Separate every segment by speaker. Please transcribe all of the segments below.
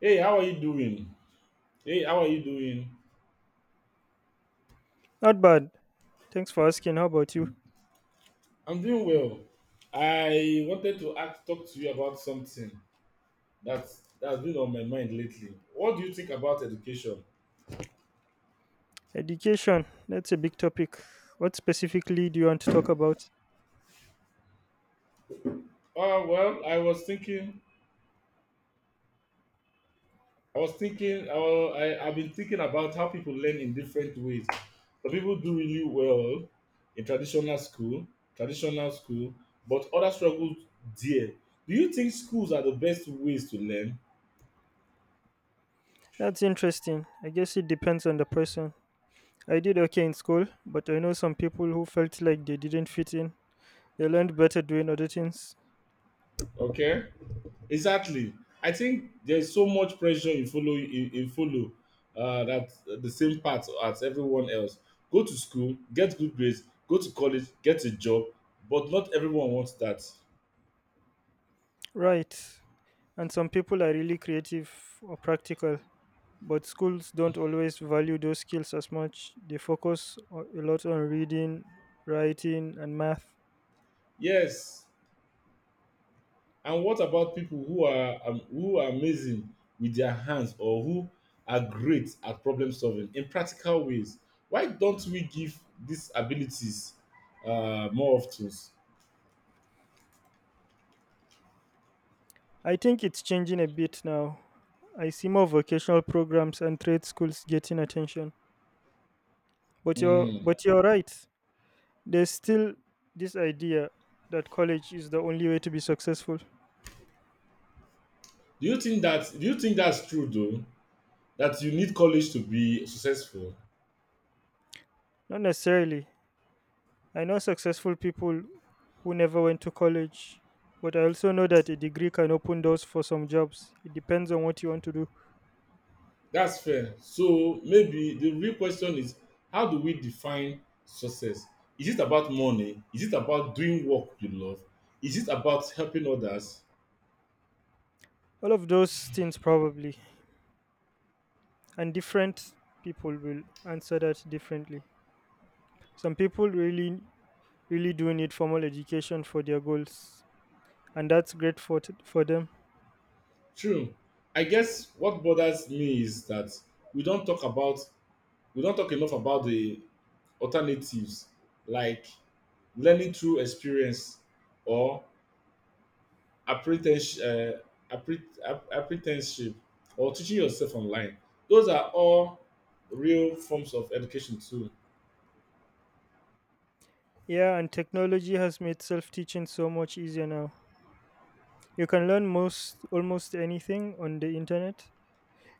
Speaker 1: Hey, how are you doing? Hey, how are you doing?
Speaker 2: Not bad. Thanks for asking. How about you?
Speaker 1: I'm doing well. I wanted to ask, talk to you about something that's been on my mind lately. What do you think about education?
Speaker 2: Education. That's a big topic. What specifically do you want to talk about?
Speaker 1: Well, I was thinking, I've been thinking about how people learn in different ways. Some people do really well in traditional school, but others struggle there. Do you think schools are the best ways to learn?
Speaker 2: That's interesting. I guess it depends on the person. I did okay in school, but I know some people who felt like they didn't fit in. They learned better doing other things.
Speaker 1: Okay. Exactly. I think there's so much pressure in follow that the same path as everyone else. Go to school, get good grades, go to college, get a job, but not everyone wants that.
Speaker 2: Right. And some people are really creative or practical, but schools don't always value those skills as much. They focus a lot on reading, writing, and math.
Speaker 1: Yes. And what about people who are amazing with their hands or who are great at problem solving in practical ways? Why don't we give these abilities more often?
Speaker 2: I think it's changing a bit now. I see more vocational programs and trade schools getting attention. But you're
Speaker 1: Mm.
Speaker 2: but you're right. There's still this idea that college is the only way to be successful.
Speaker 1: Do you think that's true though? That you need college to be successful.
Speaker 2: Not necessarily. I know successful people who never went to college, but I also know that a degree can open doors for some jobs. It depends on what you want to do.
Speaker 1: That's fair. So maybe the real question is, how do we define success? Is it about money? Is it about doing work you love? Is it about helping others?
Speaker 2: All of those things probably. And different people will answer that differently. Some people really do need formal education for their goals, and that's great for for them.
Speaker 1: True. I guess what bothers me is that we don't talk about we don't talk enough about the alternatives, like learning through experience, or apprentice- uh, apprenticeship, or teaching yourself online. Those are all real forms of education too.
Speaker 2: Yeah, and technology has made self-teaching so much easier now. You can learn most almost anything on the internet.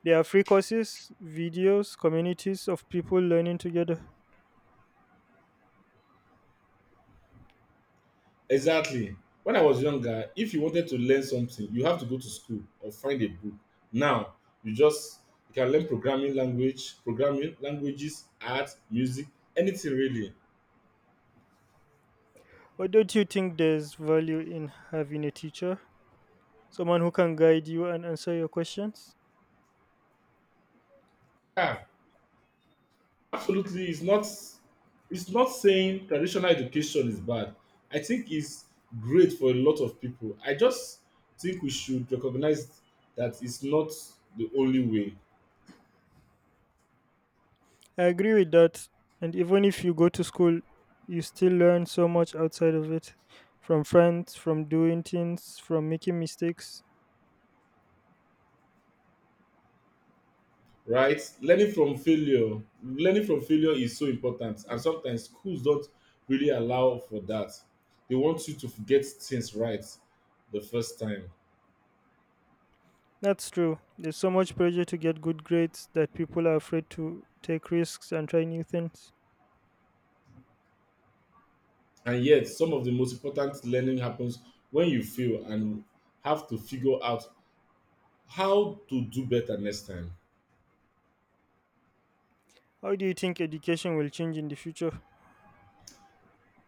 Speaker 2: There are free courses, videos, communities of people learning together.
Speaker 1: Exactly. When I was younger, if you wanted to learn something, you have to go to school or find a book. Now, you just you can learn programming languages, art, music, anything really.
Speaker 2: But don't you think there's value in having a teacher, someone who can guide you and answer your questions?
Speaker 1: Yeah, absolutely. It's not saying traditional education is bad. I think it's great for a lot of people. I just think we should recognize that it's not the only way.
Speaker 2: I agree with that. And even if you go to school, you still learn so much outside of it from friends, from doing things, from making mistakes.
Speaker 1: Right. Learning from failure learning from failure is so important, and sometimes schools don't really allow for that. They want you to get things right the first time.
Speaker 2: That's true. There's so much pressure to get good grades that people are afraid to take risks and try new things.
Speaker 1: And yet some of the most important learning happens when you fail and have to figure out how to do better next time.
Speaker 2: How do you think education will change in the future?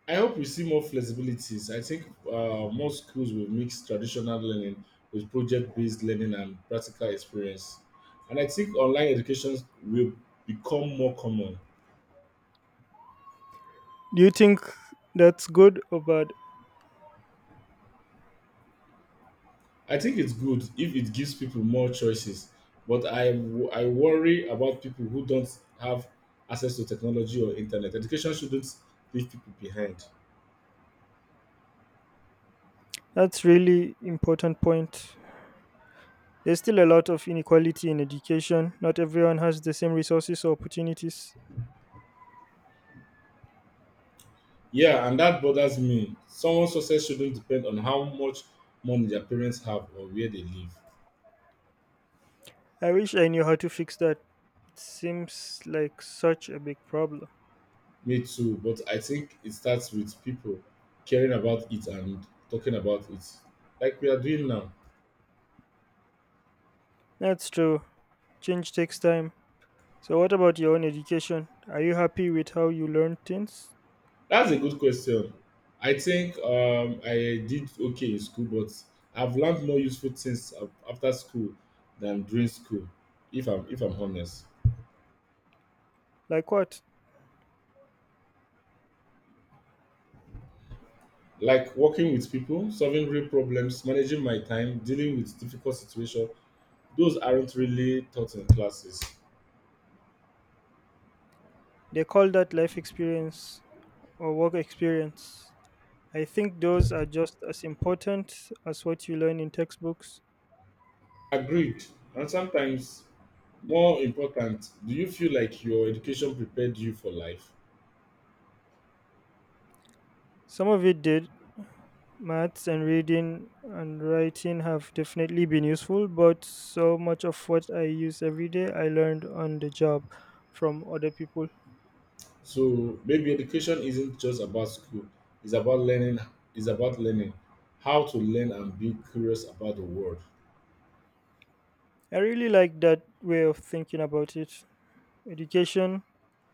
Speaker 1: I hope we see more flexibilities. I think more schools will mix traditional learning with project based learning and practical experience. And I think online education will become more common.
Speaker 2: Do you think that's good or bad?
Speaker 1: I think it's good if it gives people more choices, but I worry about people who don't have access to technology or internet. Education shouldn't leave people behind.
Speaker 2: That's really important point. There's still a lot of inequality in education. Not everyone has the same resources or opportunities.
Speaker 1: Yeah, and that bothers me. Someone's success shouldn't depend on how much money their parents have or where they live.
Speaker 2: I wish I knew how to fix that. It seems like such a big problem.
Speaker 1: Me too, but I think it starts with people caring about it and talking about it, like we are doing now.
Speaker 2: That's true. Change takes time. So, what about your own education? Are you happy with how you learn things?
Speaker 1: That's a good question. I think I did okay in school, but I've learned more useful things after school than during school, if I'm honest.
Speaker 2: Like what?
Speaker 1: Like working with people, solving real problems, managing my time, dealing with difficult situations, those aren't really taught in classes.
Speaker 2: They call that life experience or work experience. I think those are just as important as what you learn in textbooks.
Speaker 1: Agreed. And sometimes, more important, do you feel like your education prepared you for life?
Speaker 2: Some of it did. Maths and reading and writing have definitely been useful, but so much of what I use every day I learned on the job from other people.
Speaker 1: So maybe education isn't just about school, it's about learning, it's about learning how to learn and be curious about the world.
Speaker 2: I really like that way of thinking about it. Education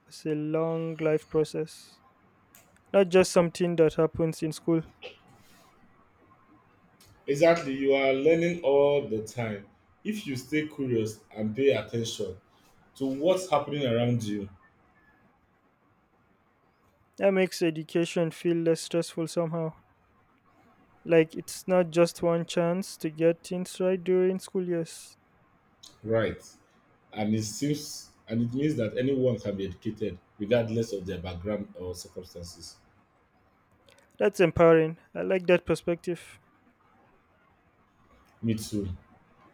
Speaker 2: is a long life process, not just something that happens in school.
Speaker 1: Exactly, you are learning all the time. If you stay curious and pay attention to what's happening around you,
Speaker 2: That makes education feel less stressful somehow. Like it's not just one chance to get things right during school years.
Speaker 1: right? And it means that anyone can be educated regardless of their background or circumstances.
Speaker 2: That's empowering. I like that perspective.
Speaker 1: Me too.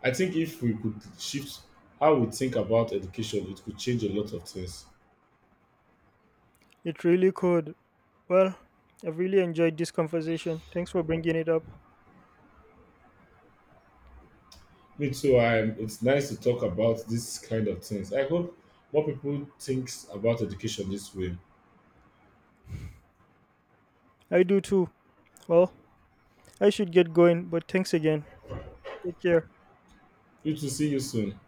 Speaker 1: I think if we could shift how we think about education, it could change a lot of things.
Speaker 2: It really could. Well, I've really enjoyed this conversation. Thanks for bringing it up.
Speaker 1: Me too. It's nice to talk about this kind of things. I hope more people thinks about education this way.
Speaker 2: I do too. Well, I should get going, but thanks again. Take care.
Speaker 1: You too. See you soon.